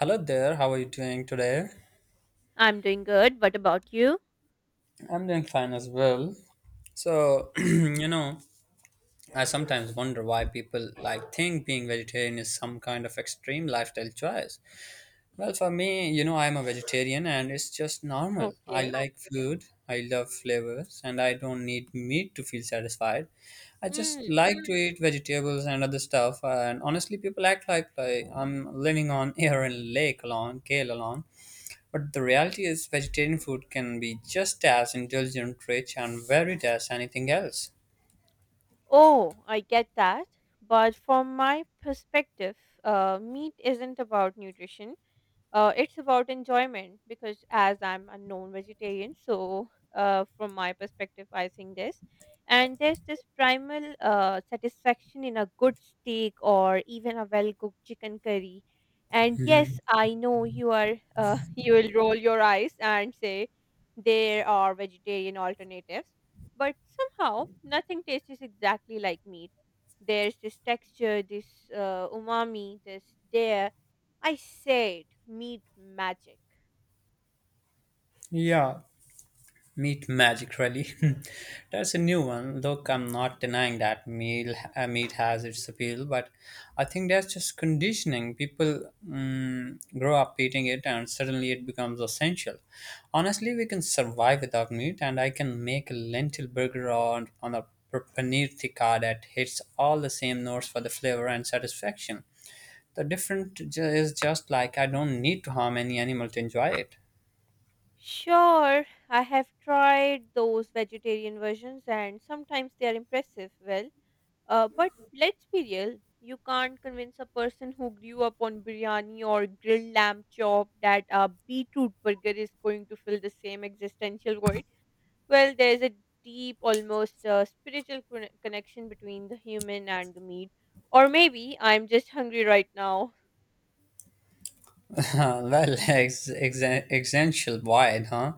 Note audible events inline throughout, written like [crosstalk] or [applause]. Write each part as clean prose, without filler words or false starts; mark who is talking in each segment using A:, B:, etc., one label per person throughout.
A: Hello there, how are you doing today?
B: I'm doing good. What about you?
A: I'm doing fine as well. So, [clears throat] you know, I sometimes wonder why people think being vegetarian is some kind of extreme lifestyle choice. Well, for me, I'm a vegetarian and it's just normal. I
B: Okay.
A: like food, I love flavors, and I don't need meat to feel satisfied. I just
B: Mm.
A: like to eat vegetables and other stuff. And honestly, people act like I'm living on [laughs] air and lake alone, kale alone. But the reality is, vegetarian food can be just as indulgent, rich, and varied as anything else.
B: Oh, I get that. But from my perspective, meat isn't about nutrition. It's about enjoyment because as I'm a non-vegetarian, so from my perspective, I think this. And there's this primal satisfaction in a good steak or even a well-cooked chicken curry. And yes, I know you are [laughs] you will roll your eyes and say there are vegetarian alternatives, but somehow nothing tastes exactly like meat. There's this texture, this umami, this dare I said meat magic.
A: Yeah, meat magic, really. [laughs] That's a new one. Look, I'm not denying that meat has its appeal, but I think that's just conditioning. People grow up eating it, and suddenly it becomes essential. Honestly, we can survive without meat, and I can make a lentil burger on a paneer tikka that hits all the same notes for the flavor and satisfaction. The is just like I don't need to harm any animal to enjoy it.
B: Sure, I have tried those vegetarian versions and sometimes they are impressive. But let's be real. You can't convince a person who grew up on biryani or grilled lamb chop that a beetroot burger is going to fill the same existential void. Well, there's a deep, almost spiritual connection between the human and the meat. Or maybe I'm just hungry right now.
A: [laughs] Well, existential void, huh?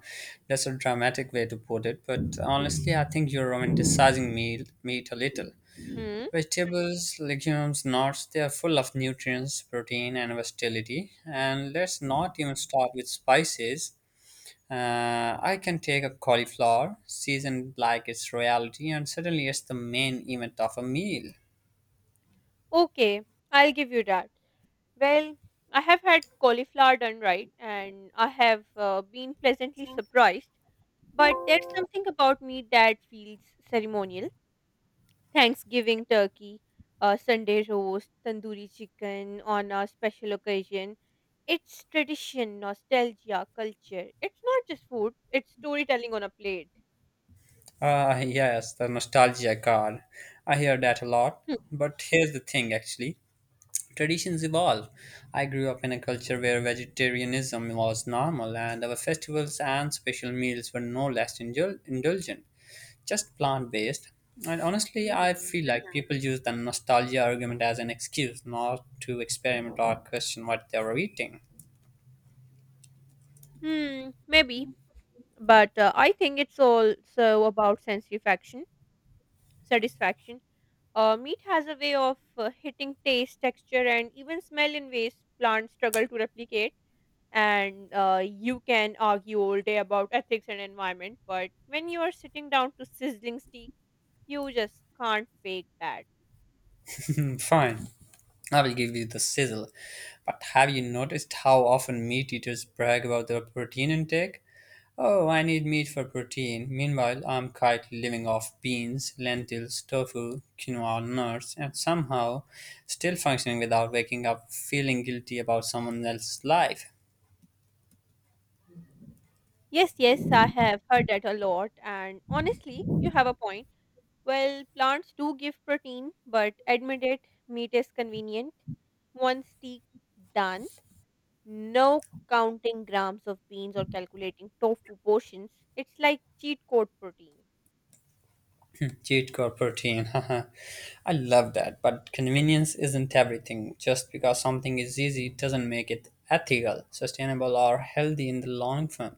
A: That's a dramatic way to put it, but honestly, I think you're romanticizing meat a little.
B: Hmm.
A: Vegetables, legumes, nuts, they are full of nutrients, protein, and versatility. And let's not even start with spices. I can take a cauliflower, seasoned like it's reality, and suddenly it's the main event of a meal.
B: Okay, I'll give you that. Well, I have had cauliflower done right, and I have been pleasantly surprised. But there's something about meat that feels ceremonial. Thanksgiving turkey, Sunday roast, tandoori chicken on a special occasion. It's tradition, nostalgia, culture. It's not just food, it's storytelling on a plate.
A: Ah, yes, the nostalgia card. I hear that a lot.
B: Hmm.
A: But here's the thing, actually, traditions evolve. I grew up in a culture where vegetarianism was normal, and our festivals and special meals were no less indulgent, just plant based. And honestly, I
B: Mhm.
A: feel like people use the nostalgia argument as an excuse not to experiment or question what they were eating.
B: Hmm, maybe. But I think it's also about satisfaction. Meat has a way of hitting taste, texture, and even smell in ways plants struggle to replicate. And you can argue all day about ethics and environment, but when you are sitting down to sizzling steak, you just can't fake that.
A: [laughs] Fine. I will give you the sizzle. But have you noticed how often meat eaters brag about their protein intake? Oh, I need meat for protein. Meanwhile, I'm quietly living off beans, lentils, tofu, quinoa, nuts, and somehow still functioning without waking up feeling guilty about someone else's life.
B: Yes, yes, I have heard that a lot, and honestly, you have a point. Well, plants do give protein, but admit it, meat is convenient. One steak done. No counting grams of beans or calculating tofu portions. It's like cheat code protein.
A: Jade got protein. [laughs] I love that, but convenience isn't everything. Just because something is easy doesn't make it ethical, sustainable, or healthy in the long term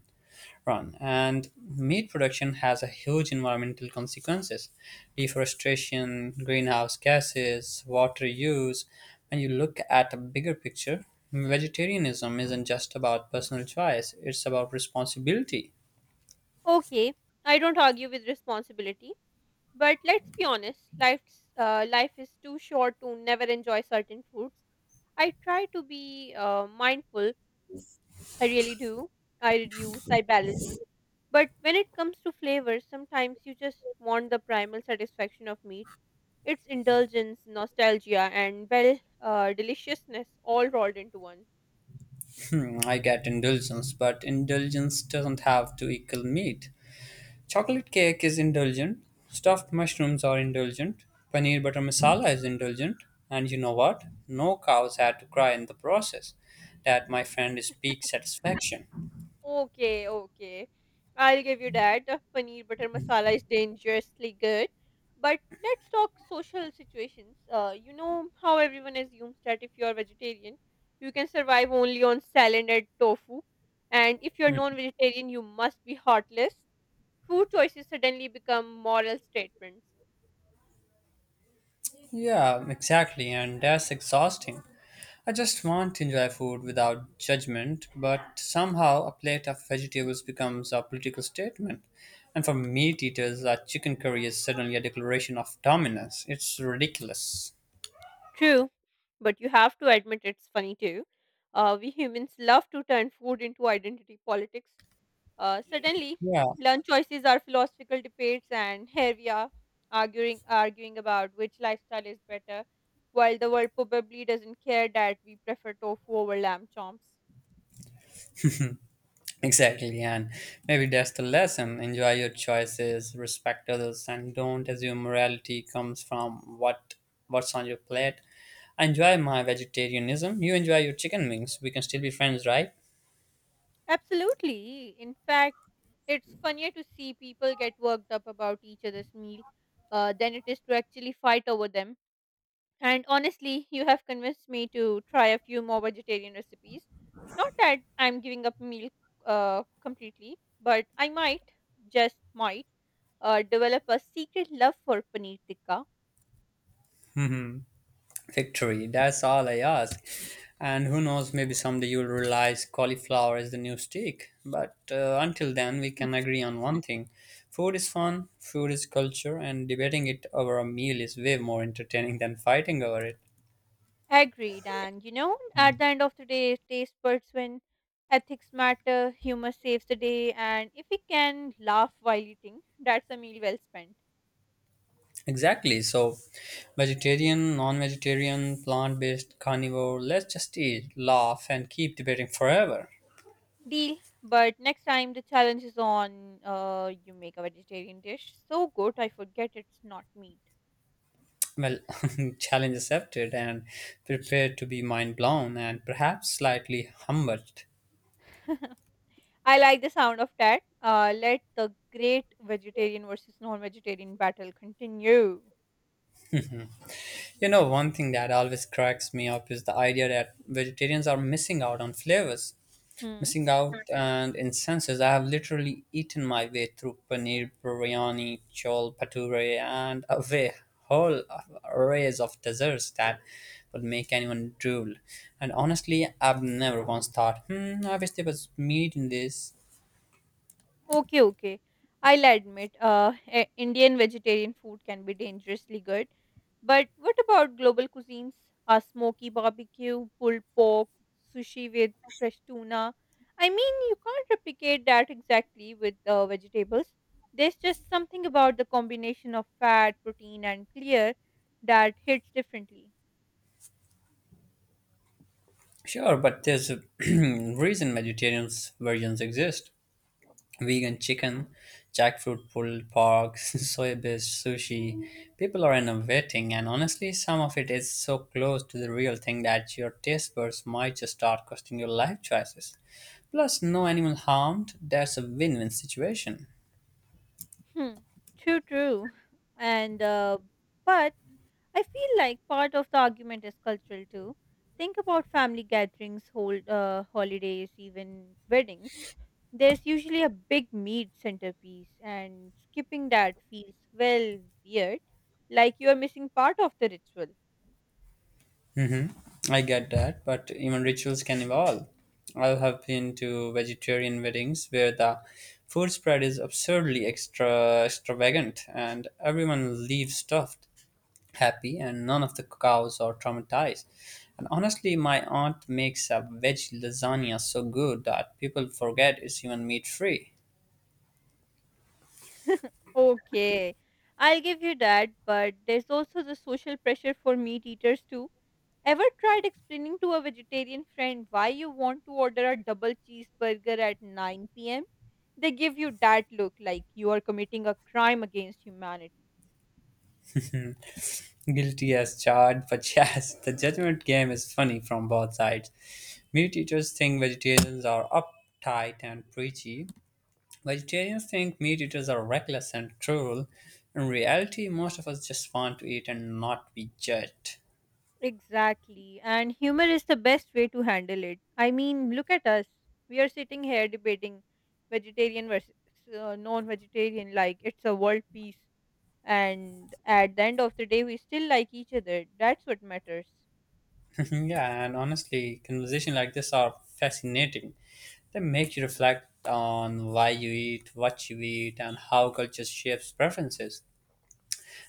A: run. And meat production has a huge environmental consequences: deforestation, greenhouse gases, water use. When you look at a bigger picture, vegetarianism isn't just about personal choice, it's about responsibility.
B: Okay, I don't argue with responsibility, but let's be honest. Life is too short to never enjoy certain foods. I try to be mindful. I really do. I reduce. I balance. But when it comes to flavors, sometimes you just want the primal satisfaction of meat. It's indulgence, nostalgia, and well, deliciousness all rolled into one.
A: Hmm, I get indulgence, but indulgence doesn't have to equal meat. Chocolate cake is indulgent, stuffed mushrooms are indulgent, paneer butter masala is indulgent, and you know what? No cows had to cry in the process. That, my friend, is peak satisfaction.
B: Okay, okay. I'll give you that. The paneer butter masala is dangerously good. But let's talk social situations. You know how everyone assumes that if you're vegetarian, you can survive only on salad and tofu. And if you're non vegetarian, you must be heartless. Food choices suddenly become moral statements.
A: Yeah, exactly, and that's exhausting. I just want to enjoy food without judgment, but somehow a plate of vegetables becomes a political statement. And for meat eaters, a chicken curry is suddenly a declaration of dominance. It's ridiculous.
B: True, but you have to admit it's funny too. We humans love to turn food into identity politics. Suddenly,
A: Yeah,
B: lunch choices are philosophical debates, and here we are arguing about which lifestyle is better, while the world probably doesn't care that we prefer tofu over lamb chomps.
A: exactly, and maybe that's the lesson. Enjoy your choices, respect others, and don't assume morality comes from what's on your plate. I enjoy my vegetarianism. You enjoy your chicken wings. We can still be friends, right?
B: Absolutely. In fact, it's funnier to see people get worked up about each other's meal than it is to actually fight over them. And honestly, you have convinced me to try a few more vegetarian recipes. Not that I'm giving up milk completely, but I might, just might, develop a secret love for paneer tikka.
A: Mhm. Victory. That's all I ask. And who knows, maybe someday you'll realize cauliflower is the new steak. But until then, we can agree on one thing: food is fun, food is culture, and debating it over a meal is way more entertaining than fighting over it.
B: Agreed. And you know, at the end of the day, taste buds when ethics matter, humor saves the day, and if we can laugh while eating, that's a meal well spent.
A: Exactly. So, vegetarian, non vegetarian, plant based, carnivore, let's just eat, laugh, and keep debating forever.
B: Deal. But next time the challenge is on. You make a vegetarian dish so good I forget it's not meat.
A: Well, [laughs] challenge accepted, and prepared to be mind blown and perhaps slightly humbled.
B: [laughs] I like the sound of that. Let the great vegetarian versus non-vegetarian battle continue.
A: You know, one thing that always cracks me up is the idea that vegetarians are missing out on flavors,
B: Hmm.
A: missing out and incenses. I have literally eaten my way through paneer, biryani, chol, pature, and a whole arrays of desserts that would make anyone drool. And honestly, I've never once thought, hmm, I wish there was meat in this.
B: Okay, okay. I'll admit, Indian vegetarian food can be dangerously good. But what about global cuisines? A smoky barbecue, pulled pork, sushi with fresh tuna. I mean, you can't replicate that exactly with vegetables. There's just something about the combination of fat, protein, and clear that hits differently.
A: Sure, but there's a [clears throat] reason vegetarians versions exist. Vegan chicken, jackfruit pulled pork, [laughs] soy-based sushi. People are innovating, and honestly, some of it is so close to the real thing that your taste buds might just start questioning your life choices. Plus, no animal harmed. That's a win-win situation.
B: Hmm. True, true. And, uh, but I feel like part of the argument is cultural too. Think about family gatherings, holidays, even weddings. There's usually a big meat centerpiece, and skipping that feels well weird, like you are missing part of the ritual.
A: Hmm. I get that, but even rituals can evolve. I have been to vegetarian weddings where the food spread is absurdly extravagant, and everyone leaves stuffed, happy, and none of the cows are traumatized. And honestly, my aunt makes a veg lasagna so good that people forget it's even meat free.
B: Okay, I'll give you that, but there's also the social pressure for meat eaters too. Ever tried explaining to a vegetarian friend why you want to order a double cheeseburger at 9 p.m.? They give you that look like you are committing a crime against humanity.
A: [laughs] Guilty as charged, [laughs] but yes, the judgment game is funny from both sides. Meat eaters think vegetarians are uptight and preachy. Vegetarians think meat eaters are reckless and cruel. In reality, most of us just want to eat and not be judged.
B: Exactly, and humor is the best way to handle it. I mean, look at us. We are sitting here debating vegetarian versus non vegetarian like it's a world peace. And at the end of the day we still like each other. That's what matters.
A: [laughs] Yeah, and honestly, conversations like this are fascinating. They make you reflect on why you eat, what you eat, and how culture shapes preferences,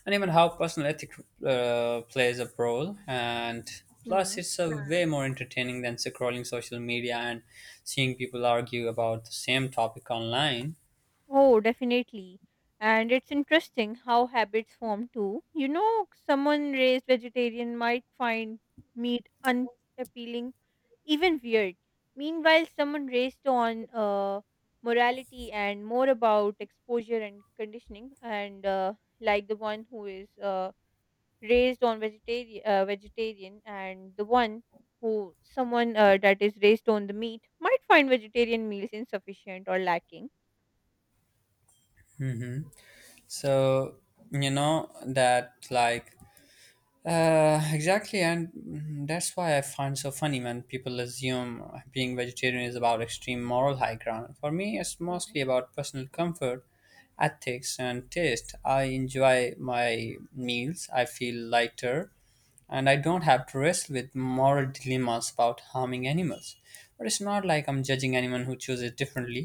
A: and even how personal ethic plays a role. And plus,
B: Hmm.
A: it's a way more entertaining than scrolling social media and seeing people argue about the same topic online.
B: Oh definitely. And it's interesting how habits form too. You know, someone raised vegetarian might find meat unappealing, even weird. Meanwhile someone raised on morality and more about exposure and conditioning and like the one who is raised on vegetarian and the one who someone that is raised on the meat might find vegetarian meals insufficient or lacking.
A: Hmm. So you know that like exactly, and that's why I find so funny when people assume being vegetarian is about extreme moral high ground. For me, it's
B: Mhm.
A: mostly about personal comfort, ethics, and taste. I enjoy my meals, I feel lighter, and I don't have to wrestle with moral dilemmas about harming animals. But it's not like I'm judging anyone who chooses differently.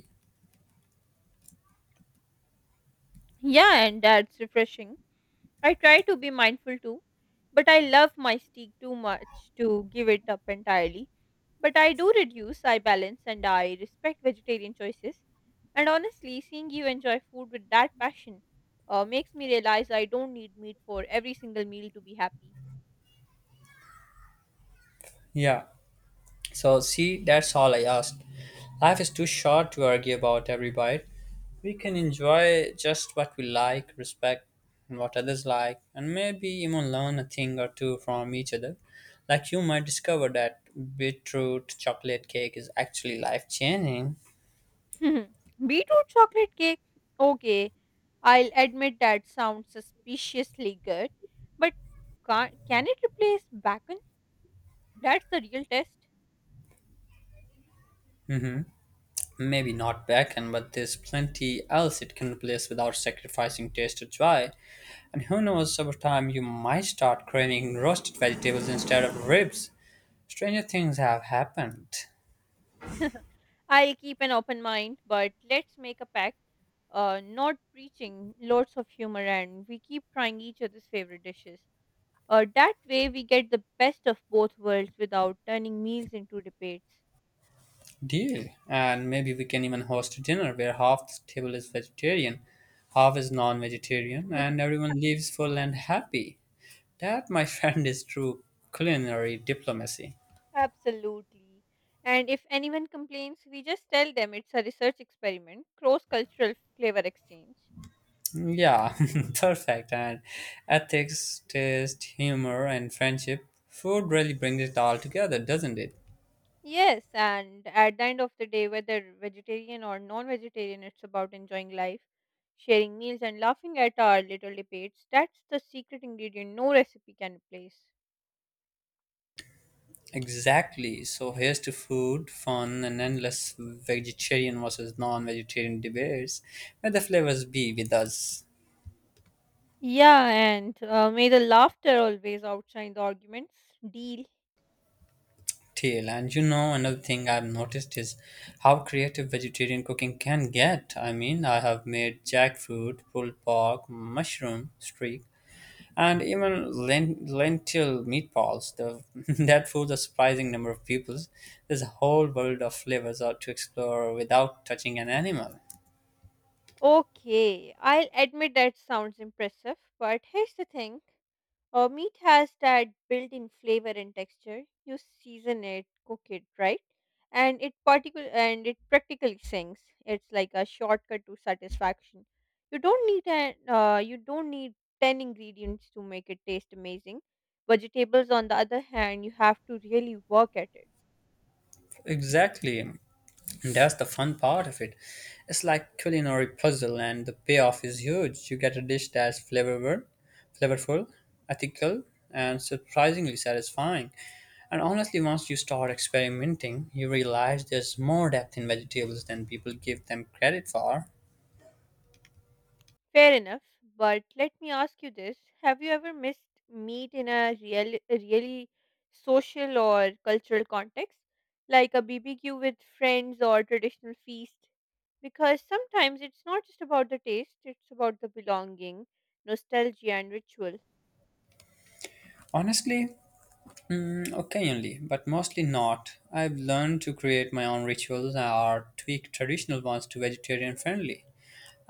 B: Yeah, and that's refreshing. I try to be mindful too, but I love my steak too much to give it up entirely. But I do reduce, I balance, and I respect vegetarian choices. And honestly seeing you enjoy food with that passion makes me realize I don't need meat for every single meal to be happy.
A: Yeah. So, see, that's all I asked. Life is too short to argue about every bite. We can enjoy just what we like, respect and what others like, and maybe even learn a thing or two from each other. Like you might discover that beetroot chocolate cake is actually life changing.
B: Hmm. Beetroot chocolate cake? Okay, I'll admit that sounds suspiciously good, but can it replace bacon? That's the real test.
A: Maybe not bacon, but there's plenty else it can replace without sacrificing taste or joy. And who knows, over time you might start craving roasted vegetables instead of ribs. Stranger things have happened.
B: [laughs] I'll keep an open mind, but let's make a pact. Not preaching, lots of humor, and we keep trying each other's favorite dishes. That way, we get the best of both worlds without turning meals into debates.
A: Deal. And maybe we can even host a dinner where half the table is vegetarian, half is non vegetarian, and everyone leaves full and happy. That, my [laughs] friend, is true culinary diplomacy.
B: Absolutely. And if anyone complains, we just tell them it's a research experiment, cross cultural flavor exchange.
A: Yeah, [laughs] perfect. And ethics, taste, humor, and friendship. Food really brings it all together, doesn't it?
B: Yes, and at the end of the day, whether vegetarian or non vegetarian, it's about enjoying life, sharing meals, and laughing at our little debates. That's the secret ingredient no recipe can replace.
A: Exactly. So here's to food, fun, and endless vegetarian versus non vegetarian debates. May the flavors be with us
B: Yeah, and may the laughter always outshine the arguments. Deal.
A: till. And you know, another thing I've noticed is how creative vegetarian cooking can get. I mean, I have made jackfruit, pulled pork, mushroom, streak, and even lentil meatballs. [laughs] That foods a surprising number of pupils. There's a whole world of flavors out to explore without touching an animal.
B: Okay, I'll admit that sounds impressive, but here's the thing. Meat has that built in flavor and texture. You season it, cook it, right? And it practically sings. It's like a shortcut to satisfaction. You don't need 10 ingredients to make it taste amazing. Vegetables, on the other hand, you have to really work at it.
A: Exactly, and that's the fun part of it. It's like culinary puzzle, and the payoff is huge. You get a dish that's flavorful, ethical, and surprisingly satisfying. And honestly, once you start experimenting, you realize there's more depth in vegetables than people give them credit for.
B: Fair enough, but let me ask you this. Have you ever missed meat in a really social or cultural context, like a BBQ with friends or traditional feast? Because sometimes it's not just about the taste, it's about the belonging, nostalgia, and ritual.
A: Honestly, occasionally, but mostly not. I've learned to create my own rituals or tweak traditional ones to vegetarian friendly.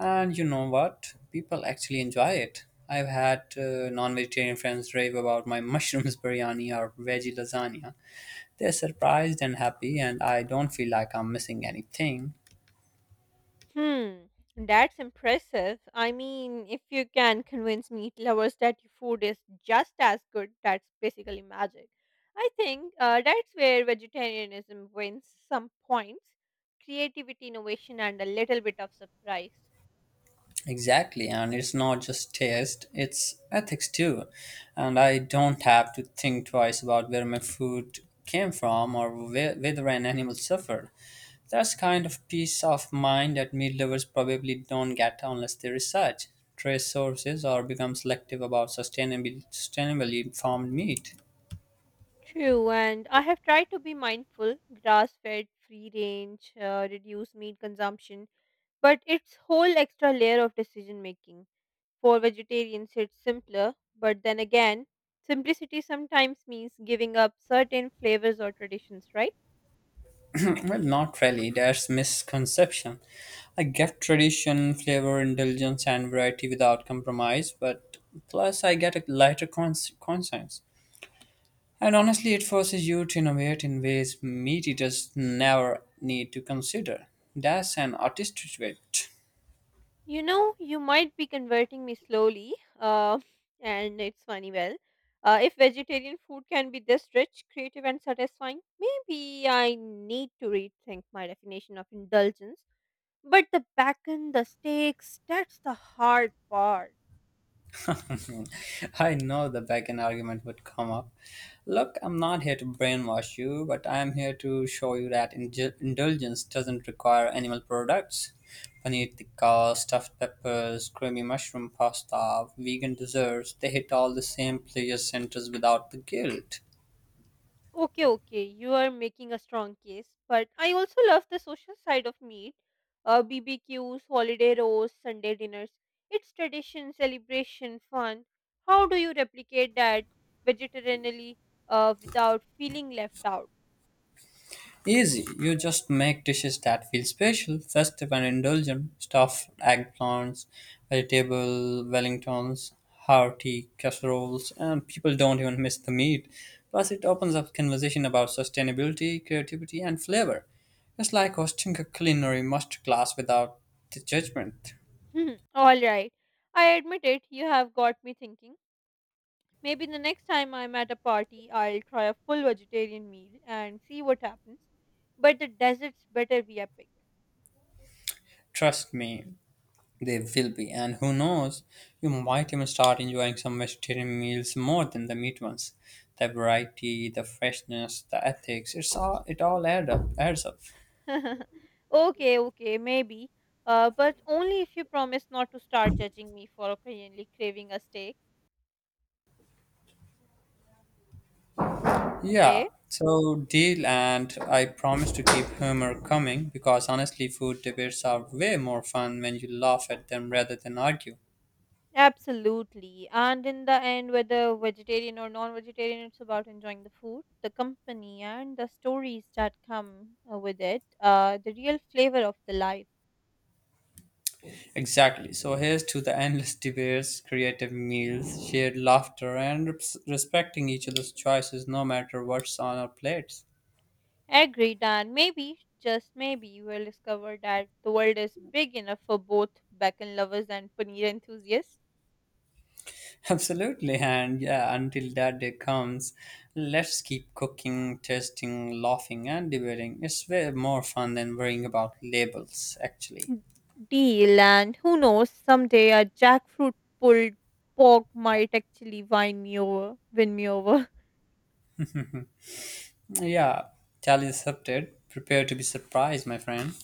A: And you know what? People actually enjoy it. I've had non vegetarian friends rave about my [laughs] mushrooms biryani or veggie lasagna. They're surprised and happy, and I don't feel like I'm missing anything.
B: Hmm, that's impressive. I mean, if you can convince meat lovers that your food is just as good, that's basically magic. I think that's where vegetarianism wins some points, creativity, innovation, and a little bit of surprise.
A: Exactly, and it's not just taste, it's ethics too. And I don't have to think twice about where my food came from or whether an animal suffered. That's kind of peace of mind that meat lovers probably don't get unless they research, trace sources, or become selective about sustainably farmed meat.
B: True, and I have tried to be mindful, grass fed, free range, reduce meat consumption, but it's whole extra layer of decision making. For vegetarians, it's simpler, but then again, simplicity sometimes means giving up certain flavors or traditions, right?
A: Well, not really. That's misconception. I get tradition, flavor, indulgence, and variety without compromise, but plus I get a lighter conscience. And honestly, it forces you to innovate in ways meat eaters never need to consider. That's an artistic way.
B: You know, you might be converting me slowly, uh, [laughs] and it's funny, if vegetarian food can be this rich, creative, and satisfying, maybe I need to rethink my definition of indulgence. But the bacon, the steaks, that's the hard part.
A: [laughs] I know the backend argument would come up. Look, I'm not here to brainwash you, but I'm here to show you that indulgence doesn't require animal products. Paneer tikka, stuffed peppers, creamy mushroom pasta, vegan desserts, they hit all the same pleasure centers without the guilt.
B: Okay, okay, you are making a strong case, but I also love the social side of meat. BBQs, holiday roasts, Sunday dinners. It's tradition, celebration, fun. How do you replicate that vegetarianly without feeling left out? [laughs]
A: Easy, you just make dishes that feel special, festive, and indulgent: stuffed eggplants, vegetable Wellingtons, hearty casseroles, and people don't even miss the meat. Plus, it opens up conversation about sustainability, creativity, and flavor. It's like hosting a culinary masterclass without the judgment.
B: Hmm, all right, I admit it, you have got me thinking. Maybe the next time I'm at a party, I'll try a full vegetarian meal and see what happens. But the desserts better be epic.
A: Trust me, they will be, and who knows, you might even start enjoying some vegetarian meals more than the meat ones. The variety, the freshness, the ethics, it's all it all add up adds up.
B: [laughs] Okay, okay, maybe. But only if you promise not to start judging me for occasionally craving a steak.
A: Yeah.
B: Okay.
A: So deal, and I promise to keep humor coming because honestly food debates are way more fun when you laugh at them rather than argue.
B: Absolutely. And in the end, whether vegetarian or non vegetarian, it's about enjoying the food, the company, and the stories that come with it, the real flavor of the life.
A: Exactly. So here's to the endless debates, creative meals, shared laughter and respecting each other's choices no matter what's on our plates.
B: Agreed. And maybe, just maybe, you will discover that the world is big enough for both bacon lovers and paneer enthusiasts.
A: Absolutely, and yeah, until that day comes, let's keep cooking, testing, laughing, and debating. It's way more fun than worrying about labels, actually.
B: Deal. And who knows, someday a jackfruit pulled pork might actually win me over.
A: Yeah, tally accepted. Prepare to be surprised, my friend.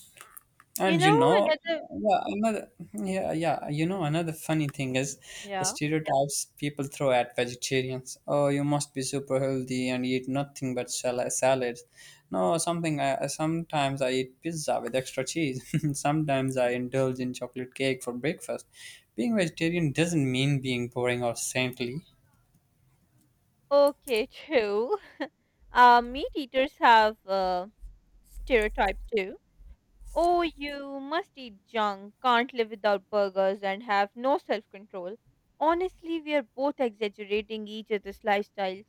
B: [laughs] You
A: And you
B: know
A: know,
B: another.
A: yeah, another yeah, yeah, you know, another funny thing is the
B: Yeah.
A: stereotypes people throw at vegetarians. Oh, you must be super healthy and eat nothing but salads. No, something. Sometimes I eat pizza with extra cheese. [laughs] Sometimes I indulge in chocolate cake for breakfast. Being vegetarian doesn't mean being boring or saintly.
B: Okay true. [laughs] Meat eaters have stereotypes too. Oh, you must eat junk, can't live without burgers and have no self-control. Honestly we are both exaggerating each other's lifestyles.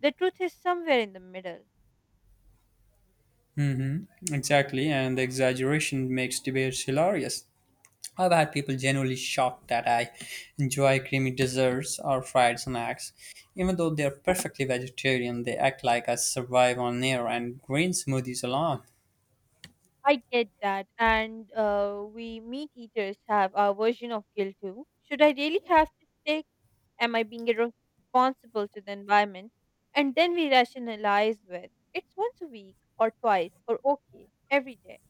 B: The truth is somewhere in the middle.
A: Mm-hmm. Exactly, and the exaggeration makes debates hilarious. I've had people genuinely shocked that I enjoy creamy desserts or fried snacks. Even though they're perfectly vegetarian, they act like I survive on air and green smoothies alone.
B: I get that, and we meat eaters have our version of guilt too. Should I really have this steak? Am I being irresponsible to the environment? And then we rationalize with it's once a week or twice or okay every day.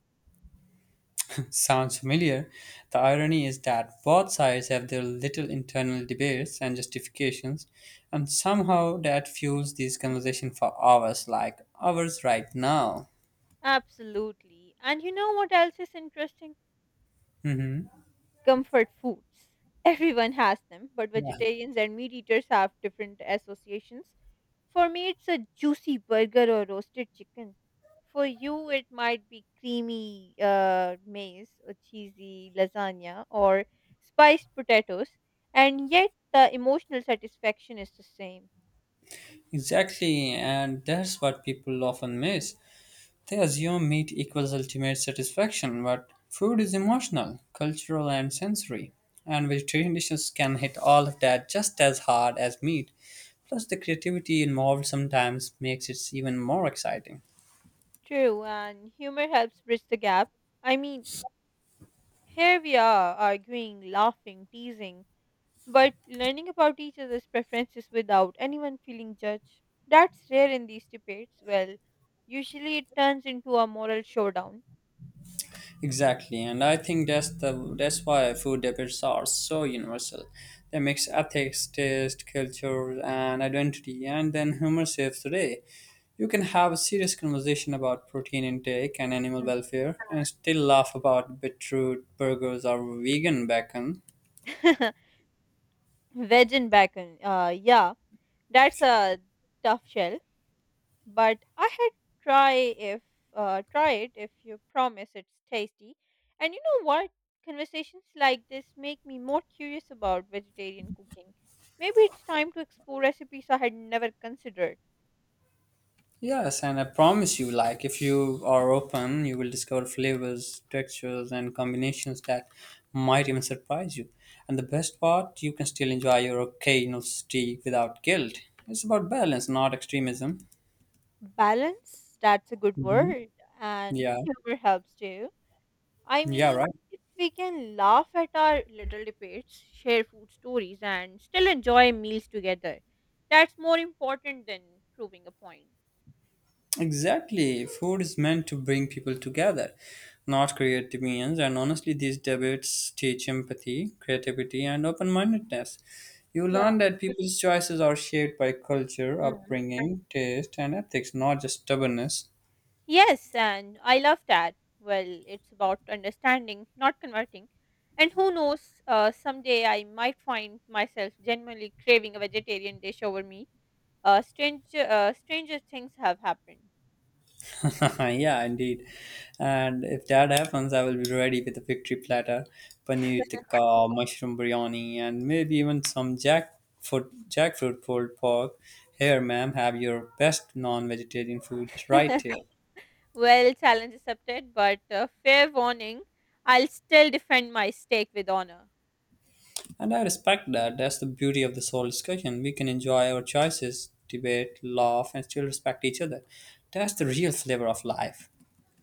A: [laughs] Sounds familiar. The irony is that both sides have their little internal debates and justifications, and somehow that fuels this conversation for hours, like hours right now.
B: Absolutely. And you know what else is interesting?
A: hmm
B: Comfort foods. Everyone has them, but
A: yeah,
B: vegetarians and meat eaters have different associations. For me, it's a juicy burger or roasted chicken. For you, it might be creamy maize or cheesy lasagna or spiced potatoes, and yet the emotional satisfaction is the same.
A: exactly, and that's what people often miss. They assume meat equals ultimate satisfaction, but food is emotional, cultural, and sensory, and vegetarian dishes can hit all of that just as hard as meat. Plus, the creativity involved sometimes makes it even more exciting.
B: True, and humor helps bridge the gap. I mean, here we are arguing, laughing, teasing, but learning about each other's preferences without anyone feeling judged. That's rare in these debates. Well, usually it turns into a moral showdown.
A: Exactly, and I think that's why food debates are so universal. They mix ethics, taste, culture, and identity, and then humor saves the day. You can have a serious conversation about protein intake and animal welfare and still laugh about beetroot burgers or vegan bacon.
B: [laughs] Veg and bacon. Yeah, that's a tough shell. But I had try if try it if you promise it's tasty. And you know what? Conversations like this make me more curious about vegetarian cooking. Maybe it's time to explore recipes I had never considered.
A: Yes, and I promise you, like, if you are open, you will discover flavors, textures, and combinations that might even surprise you. And the best part, you can still enjoy your occasional steak without guilt. It's about balance, not extremism.
B: Balance, that's a good word, and
A: Yeah,
B: humor helps too. I
A: yeah,
B: mean,
A: right.
B: if we can laugh at our little debates, share food stories, and still enjoy meals together, that's more important than proving a point.
A: Exactly. Food is meant to bring people together, not create divisions. And honestly, these debates teach empathy, creativity, and open mindedness. You
B: Yeah.
A: learn that people's choices are shaped by culture,
B: Mm.
A: upbringing, taste, and ethics, not just stubbornness.
B: Yes, and I love that. Well, it's about understanding, not converting. And who knows, someday I might find myself genuinely craving a vegetarian dish over meat. Stranger things have happened.
A: [laughs] Yeah, indeed. And if that happens, I will be ready with a victory platter, paneer tikka, mushroom biryani, and maybe even some jackfruit pulled pork. Here, ma'am, have your best non-vegetarian food right here.
B: [laughs] Well, challenge accepted, but fair warning, I'll still defend my stake with honor.
A: And I respect that. That's the beauty of this whole discussion. We can enjoy our choices, debate, laugh, and still respect each other. That's the real flavor of life.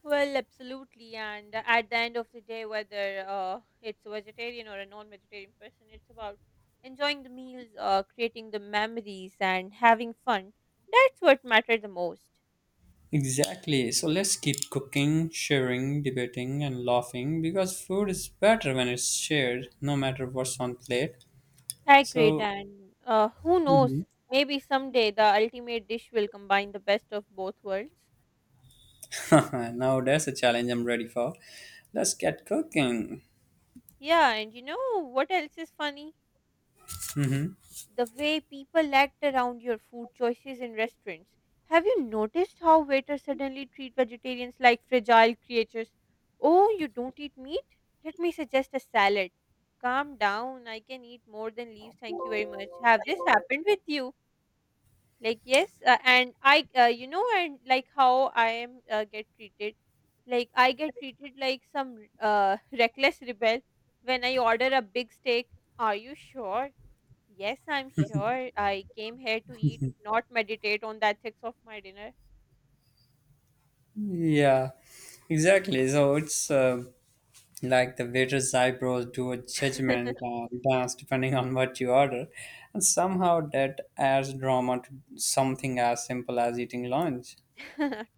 B: Well, absolutely. And at the end of the day, whether it's a vegetarian or a non vegetarian person, it's about enjoying the meals, creating the memories, and having fun. That's what matters the most.
A: Exactly. So let's keep cooking, sharing, debating, and laughing because food is better when it's shared, no matter what's on plate.
B: Agreed.
A: So
B: And who
A: Mhm.
B: knows? Maybe someday the ultimate dish will combine the best of both worlds.
A: [laughs] Now that's a challenge I'm ready for. Let's get cooking.
B: Yeah, and you know what else is funny?
A: Mhm.
B: The way people act around your food choices in restaurants. Have you noticed how waiters suddenly treat vegetarians like fragile creatures? Oh, you don't eat meat? Let me suggest a salad. Calm down, I can eat more than leaves, thank you very much. Have this happened with you? Like, yes, and I, you know, and like how I am get treated. Like, I get treated like some [laughs] reckless rebel when I order a big steak. Are you sure? Yes, I'm sure. I came here to eat, not meditate on the ethics of my dinner.
A: Yeah, exactly. So it's like the waiter's eyebrows do a
B: [laughs]
A: judgment dance depending on what you order, and somehow that adds drama to something as simple as eating lunch.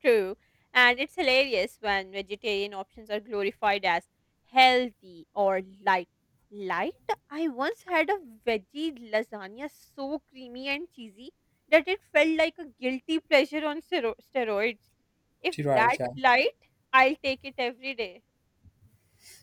B: True. And it's hilarious when vegetarian options are glorified as healthy or light. Light? I once had a veggie lasagna so creamy and cheesy that it felt like a guilty pleasure on steroids. If
A: Right,
B: that's
A: yeah.
B: light, I'll take it every day.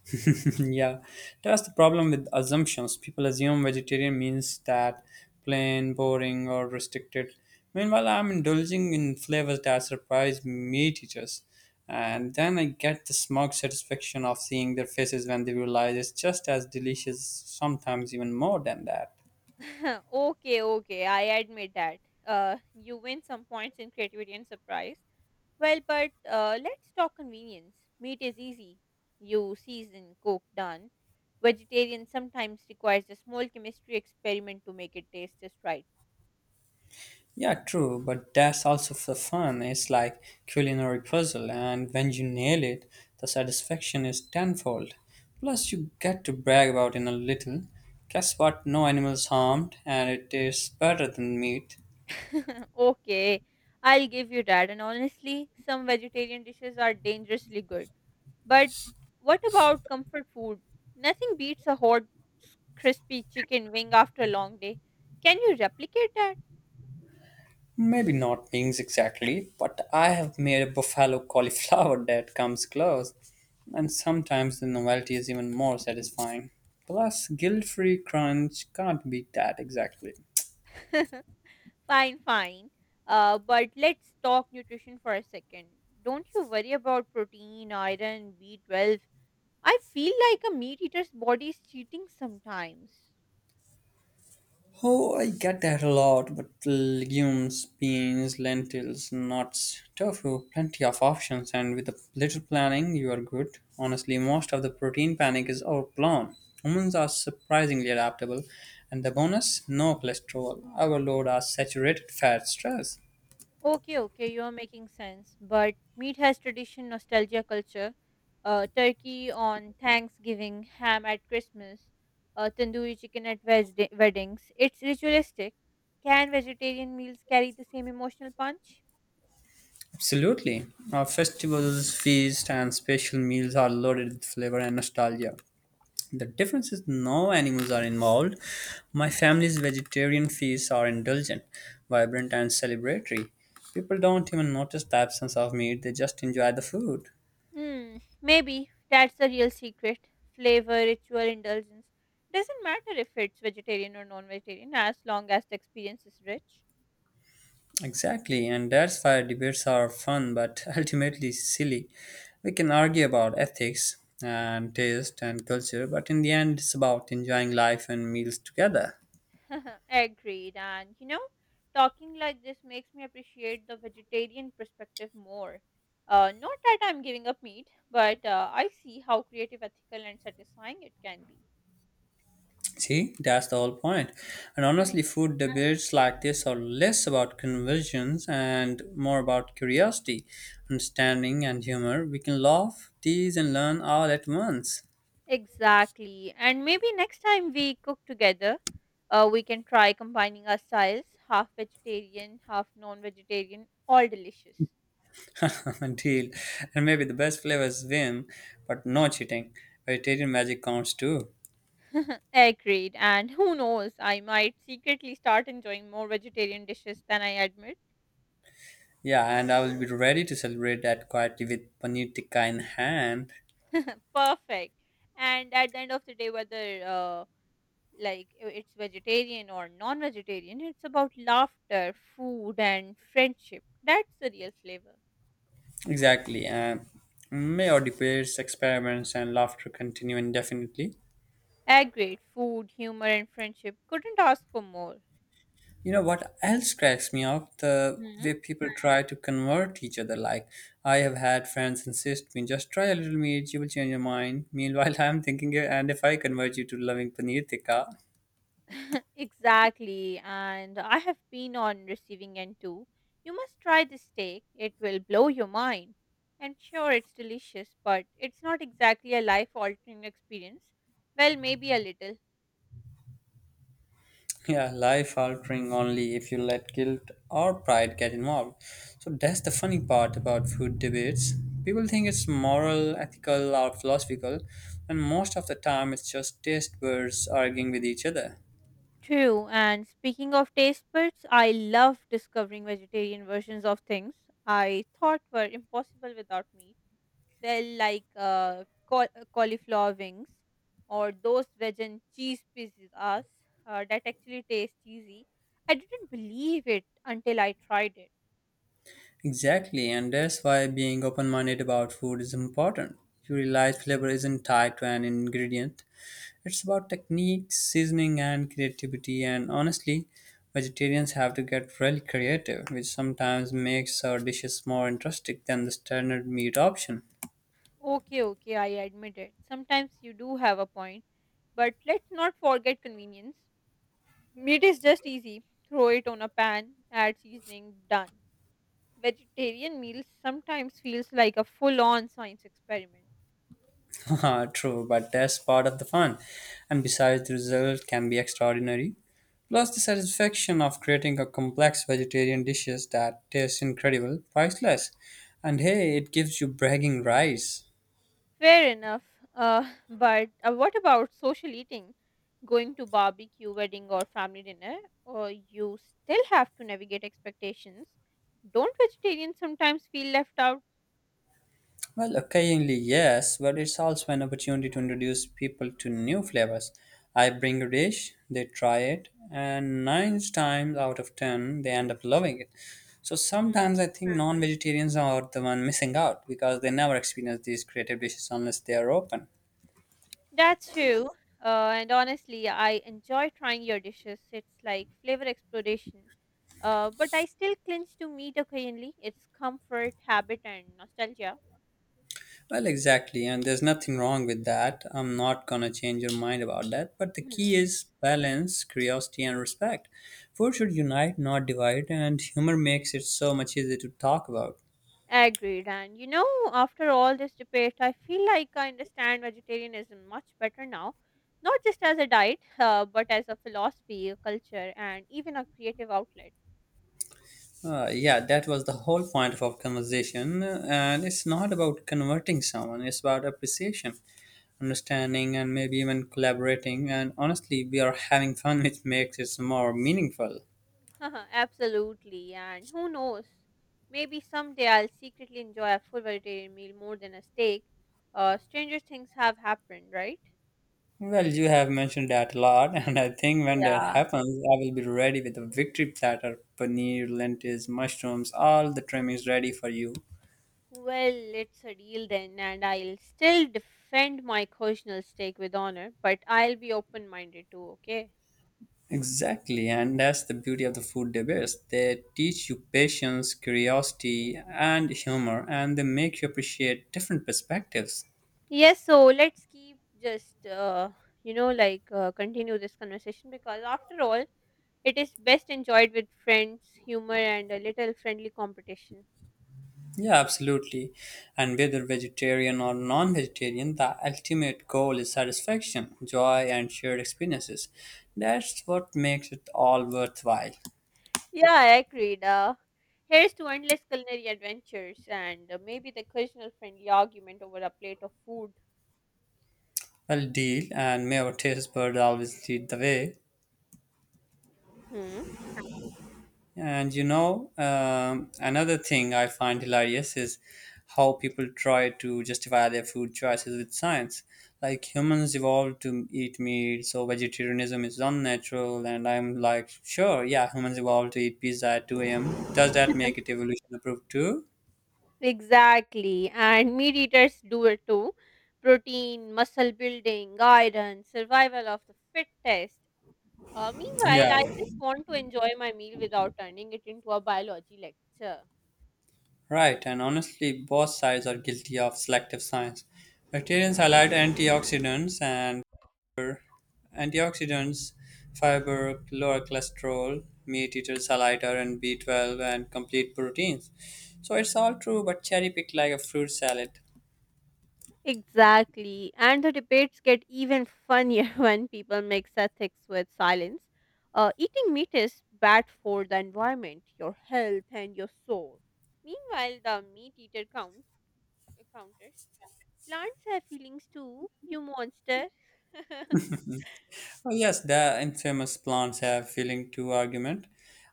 A: [laughs] Yeah, that's the problem with assumptions. People assume vegetarian means that plain, boring, or restricted. Meanwhile, I'm indulging in flavors that surprise meat eaters. And then I get the smug satisfaction of seeing their faces when they realize it's just as delicious, sometimes even more than that.
B: [laughs] Okay, okay, I admit that. You win some points in creativity and surprise. Well, but let's talk convenience. Meat is easy. You season, cook, done. Vegetarian sometimes requires a small chemistry experiment to make it taste just right.
A: Yeah, true, but that's also the fun. It's like culinary puzzle, and when you nail it, the satisfaction is tenfold. Plus, you get to brag about in a little. Guess what? No animals harmed, and it tastes better than meat.
B: [laughs] Okay, I'll give you that. And honestly, some vegetarian dishes are dangerously good. But what about comfort food? Nothing beats a hot, crispy chicken wing after a long day. Can you replicate that?
A: Maybe not wings exactly, but I have made a buffalo cauliflower [laughs] that comes close, and sometimes the novelty is even more satisfying. Plus, guilt-free crunch can't beat that exactly.
B: [laughs] Fine, fine. But let's talk nutrition for a second. Don't you worry about protein, iron, B12. I feel like a meat eater's body is cheating sometimes.
A: Oh, I get that a lot, but legumes, beans, lentils, nuts, tofu, plenty of options, and with a little planning, you are good. Honestly, most of the protein panic is overblown. Humans are surprisingly adaptable, and the bonus no cholesterol, overload, are saturated fat stress.
B: Okay, okay, you're making sense. But meat has tradition, nostalgia, culture. Turkey on Thanksgiving, ham at Christmas, tandoori chicken at weddings. It's ritualistic. Can vegetarian meals carry the same emotional punch?
A: Absolutely. Our festivals, feasts, and special meals are loaded with flavor and nostalgia. The difference is no animals are involved. My family's vegetarian feasts are indulgent, vibrant, and celebratory. People don't even notice the absence of meat, they just enjoy the food.
B: Hmm, maybe that's the real secret. Flavor, ritual, indulgence. Doesn't matter if it's vegetarian or non vegetarian as long as the experience is rich.
A: Exactly, and that's why debates are fun but [laughs] ultimately silly. We can argue about ethics and taste and culture, but in the end, it's about enjoying life and meals together.
B: [laughs] Agreed. And you know, talking like this makes me appreciate the vegetarian perspective more. Not that I'm giving up meat, but I see how creative, ethical, and satisfying it can be.
A: See, that's the whole point. And
B: Hmm.
A: honestly, food debates like this are less about conversions and more about curiosity, understanding, and humor. We can laugh, tease, and learn all at once.
B: Exactly. And maybe next time we cook together, we can try combining our styles half vegetarian, half non vegetarian, all delicious.
A: [laughs] Deal. And maybe the best flavors win, but no cheating. Vegetarian magic counts too.
B: [laughs] Agreed. And who knows, I might secretly start enjoying more vegetarian dishes than I admit.
A: Yeah, and I will be ready to celebrate that quietly with paneer tikka in hand.
B: Perfect. And at the end of the day, whether it's vegetarian or non vegetarian, it's about laughter, food, and friendship. That's the real flavor.
A: Exactly. And may our debates, experiments, and laughter continue indefinitely.
B: Agreed. Food, humor, and friendship. Couldn't ask for more.
A: You know what else cracks me up? The
B: Hmm?
A: way people try to convert each other. Like, I have had friends insist me, just try a little meat, you will change your mind. Meanwhile, [laughs] I'm thinking, "Yeah, and if I convert you to loving paneer tikka,
B: [laughs] Exactly. And I have been on receiving end too. You must try this steak. It will blow your mind. And sure, it's delicious, but it's not exactly a life altering experience. Well, maybe a little.
A: [laughs] yeah, life altering only if you let guilt or pride get involved. So that's the funny part about food debates. People think it's moral, ethical, or philosophical, and most of the time it's just taste buds arguing with each other.
B: True. And speaking of taste buds, I love discovering vegetarian versions of things I thought were impossible without meat. They'll like cauliflower wings or those veg and cheese pizzas that actually taste cheesy. I didn't believe it until I tried it.
A: Exactly, and that's why being open minded about food is important. You realize flavor isn't tied to an ingredient, it's about technique, seasoning, and creativity. And honestly, vegetarians have to get really creative, which sometimes makes our dishes more interesting than the standard meat option.
B: Okay, okay, I admit it. Sometimes you do have a point, but let's not forget convenience. Meat is just easy. Throw it on a pan, add seasoning, done. Vegetarian meals sometimes feels like a full-on science experiment.
A: [laughs] True, but that's part of the fun. And besides, the result can be extraordinary. Plus, the satisfaction of creating a complex vegetarian dishes that tastes incredible, priceless. And hey, it gives you bragging rights.
B: Fair enough. [laughs] But what about social eating? Going to barbecue, wedding, or family dinner? Or you still have to navigate expectations? Don't vegetarians sometimes feel left out?
A: Well, occasionally, yes, but it's also an opportunity to introduce people to new flavors. I bring a dish, they try it, and nine times out of ten, they end up loving it. So
B: Hmm.
A: sometimes I think non vegetarians are the one missing out because they never experience these creative dishes unless they are open.
B: That's true. And honestly, I enjoy trying your dishes. It's like flavor exploration. But I still clinch to meat occasionally. It's comfort, habit, and nostalgia.
A: Well, exactly, and there's nothing wrong with that. I'm not gonna change your mind about that. But the key is balance, curiosity, and respect. Food should unite, not divide, and humor makes it so much easier to talk about.
B: Agreed. And you know, after all this debate, I feel like I understand vegetarianism much better now, not just as a diet, [laughs] but as a philosophy, a culture, and even a creative outlet.
A: Yeah, that was the whole point of our conversation, and it's not about converting someone, it's about appreciation, understanding, and maybe even collaborating. And honestly, we are having fun, [laughs] which makes it more meaningful.
B: [laughs] Absolutely. And who knows? Maybe someday I'll secretly enjoy a full vegetarian meal more than a steak. Stranger things have happened, right?
A: Well, you have mentioned that a lot, [laughs] and I think when that
B: Yeah.
A: happens, I will be ready with a victory platter paneer, lentils, mushrooms, all the trimmings ready for you.
B: Well, it's a deal then, and I'll still defend my occasional steak with honor, but I'll be open minded too, okay?
A: Exactly, and that's the beauty of the food debates. They teach you patience, curiosity, and humor, and they make you appreciate different perspectives.
B: Yes, so let's keep just, continue this conversation because after all, it is best enjoyed with friends, humor, and a little friendly competition.
A: Yeah, absolutely. And whether vegetarian or non vegetarian, the ultimate goal is satisfaction, joy, and shared experiences. That's what makes it all worthwhile.
B: Yeah, I agreed. Here's to endless culinary adventures and maybe the occasional friendly argument over a plate of food.
A: Well, deal, and may our taste bird always lead the way.
B: Hmm.
A: Another thing I find hilarious is how people try to justify their food choices with science. Like humans evolved to eat meat, so vegetarianism is unnatural. And I'm like, sure, yeah, humans evolved to eat pizza at 2 a.m. Does that make
B: [laughs]
A: it evolution approved too?
B: Exactly. And meat eaters do it too. Protein, muscle building, iron, survival of the fittest. Meanwhile,
A: Yeah,
B: I just want to enjoy my meal without turning it into a biology lecture.
A: right. And honestly, both sides are guilty of selective science. Bacterians highlight antioxidants and Antioxidants, fiber, lower cholesterol, meat eaters are lighter, and B12 and complete proteins. So it's all true, but cherry picked like a fruit salad.
B: Exactly. And the debates get even funnier [laughs] when people mix ethics with silence. Eating meat is bad for the environment, your health, and your soul. Meanwhile, the meat eater counters plants have feelings too, you monster. [laughs]
A: Oh, yes, the infamous plants have feeling too argument.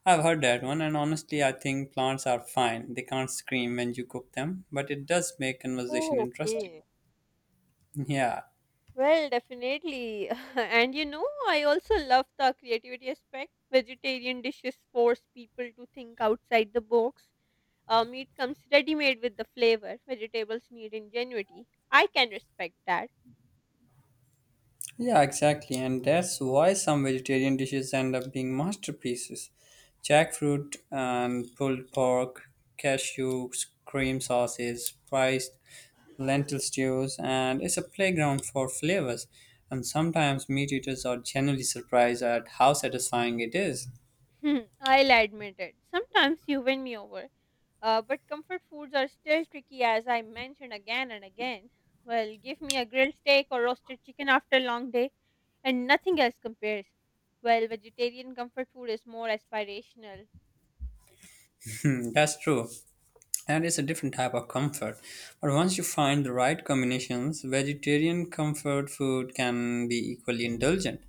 A: I've heard that one, and honestly, I think plants are fine. They can't scream when you cook them, but it does make conversation
B: Oh,
A: interesting.
B: okay.
A: [laughs] Yeah,
B: Well, definitely. [laughs] And you know, I also love the creativity aspect. Vegetarian dishes force people to think outside the box. Meat comes ready made with the flavor. Vegetables need ingenuity. I can respect that. [laughs]
A: yeah, exactly. And that's why some vegetarian dishes end up being masterpieces. Jackfruit and pulled pork, cashew cream sauces, spiced lentil stews, and it's a playground for flavors. And sometimes meat eaters are genuinely surprised at how satisfying it is.
B: Hmm, I'll admit it. Sometimes you win me over. But comfort foods are still tricky, as I mentioned again and again. Well, give me a grilled steak or roasted chicken after a long day, and nothing else compares. Well, vegetarian comfort food is more aspirational.
A: [laughs] That's true. That is a different type of comfort. But once you find the right combinations, vegetarian comfort food can be equally indulgent.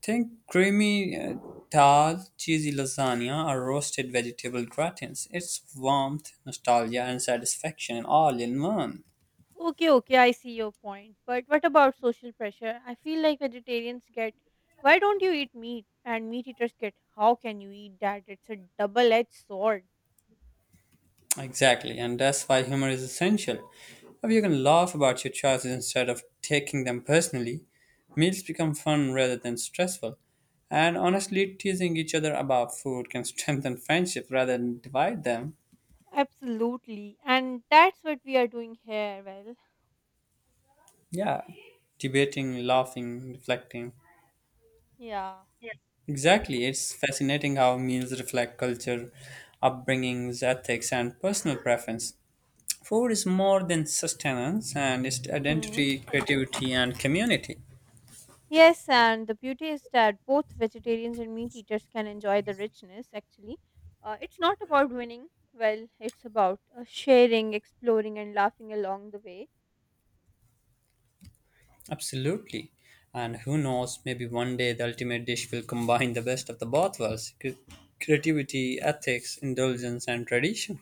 A: Think creamy dal, cheesy lasagna, or roasted vegetable gratins. It's warmth, nostalgia, and satisfaction all in one.
B: Okay, okay, I see your point. But what about social pressure? I feel like vegetarians get, why don't you eat meat? And meat eaters get, how can you eat that? It's a double edged sword.
A: Exactly, and that's why humor is essential. If you can laugh about your choices instead of taking them personally, meals become fun rather than stressful. And honestly, teasing each other about food can [laughs] strengthen friendships rather than divide them.
B: Absolutely. And that's what we are doing here. Well,
A: Yeah, debating, laughing, reflecting.
B: yeah.
A: Exactly, it's fascinating how meals reflect culture, upbringings, ethics, and personal preference. Food is more than sustenance, and it's
B: Hmm.
A: identity, creativity, and community.
B: Yes, and the beauty is that both vegetarians and meat eaters can enjoy the richness, actually. It's not about winning. Well, it's about sharing, exploring, and laughing along the way.
A: Absolutely. And who knows, maybe one day the ultimate dish will combine the best of the both worlds creativity, ethics, indulgence, and tradition.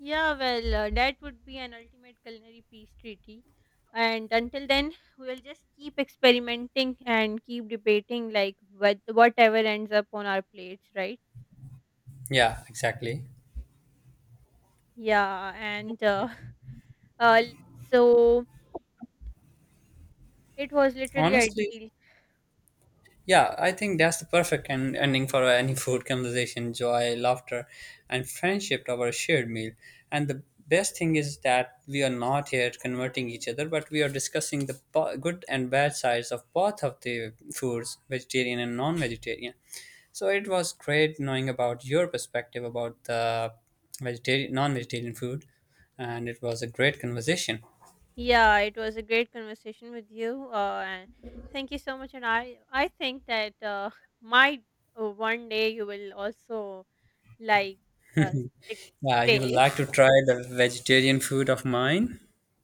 B: Yeah, well, that would be an ultimate culinary peace treaty. And until then, we'll just keep experimenting and keep debating, like, whatever ends up on our plates, right?
A: Yeah, exactly.
B: Yeah, and [laughs] uh, so it was literally
A: Honestly,
B: ideal.
A: yeah, I think that's the perfect ending for any [laughs] food conversation joy, laughter, and friendship over a shared meal. And the best thing is that we are not here converting each other, but we are discussing the good and bad sides of both of the foods, vegetarian and non vegetarian. So it was great knowing about your perspective about the vegetarian, non vegetarian food, and it was a great conversation.
B: Yeah, it was a great conversation with you. And thank you so much. And I think that might one day you will also like uh, stick-
A: Yeah, you would
B: stay.
A: like to try the vegetarian food of mine?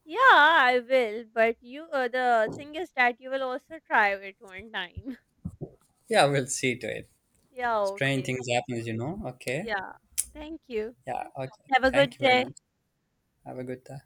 B: Yeah, I will. But the thing is that you will also try it one time. [laughs]
A: Yeah, we'll see to it.
B: Yeah,
A: Strange
B: okay.
A: things happens. Okay.
B: Yeah. Thank you.
A: Yeah. Okay.
B: Have a
A: Thank
B: good
A: you very
B: day.
A: much. Have a good day.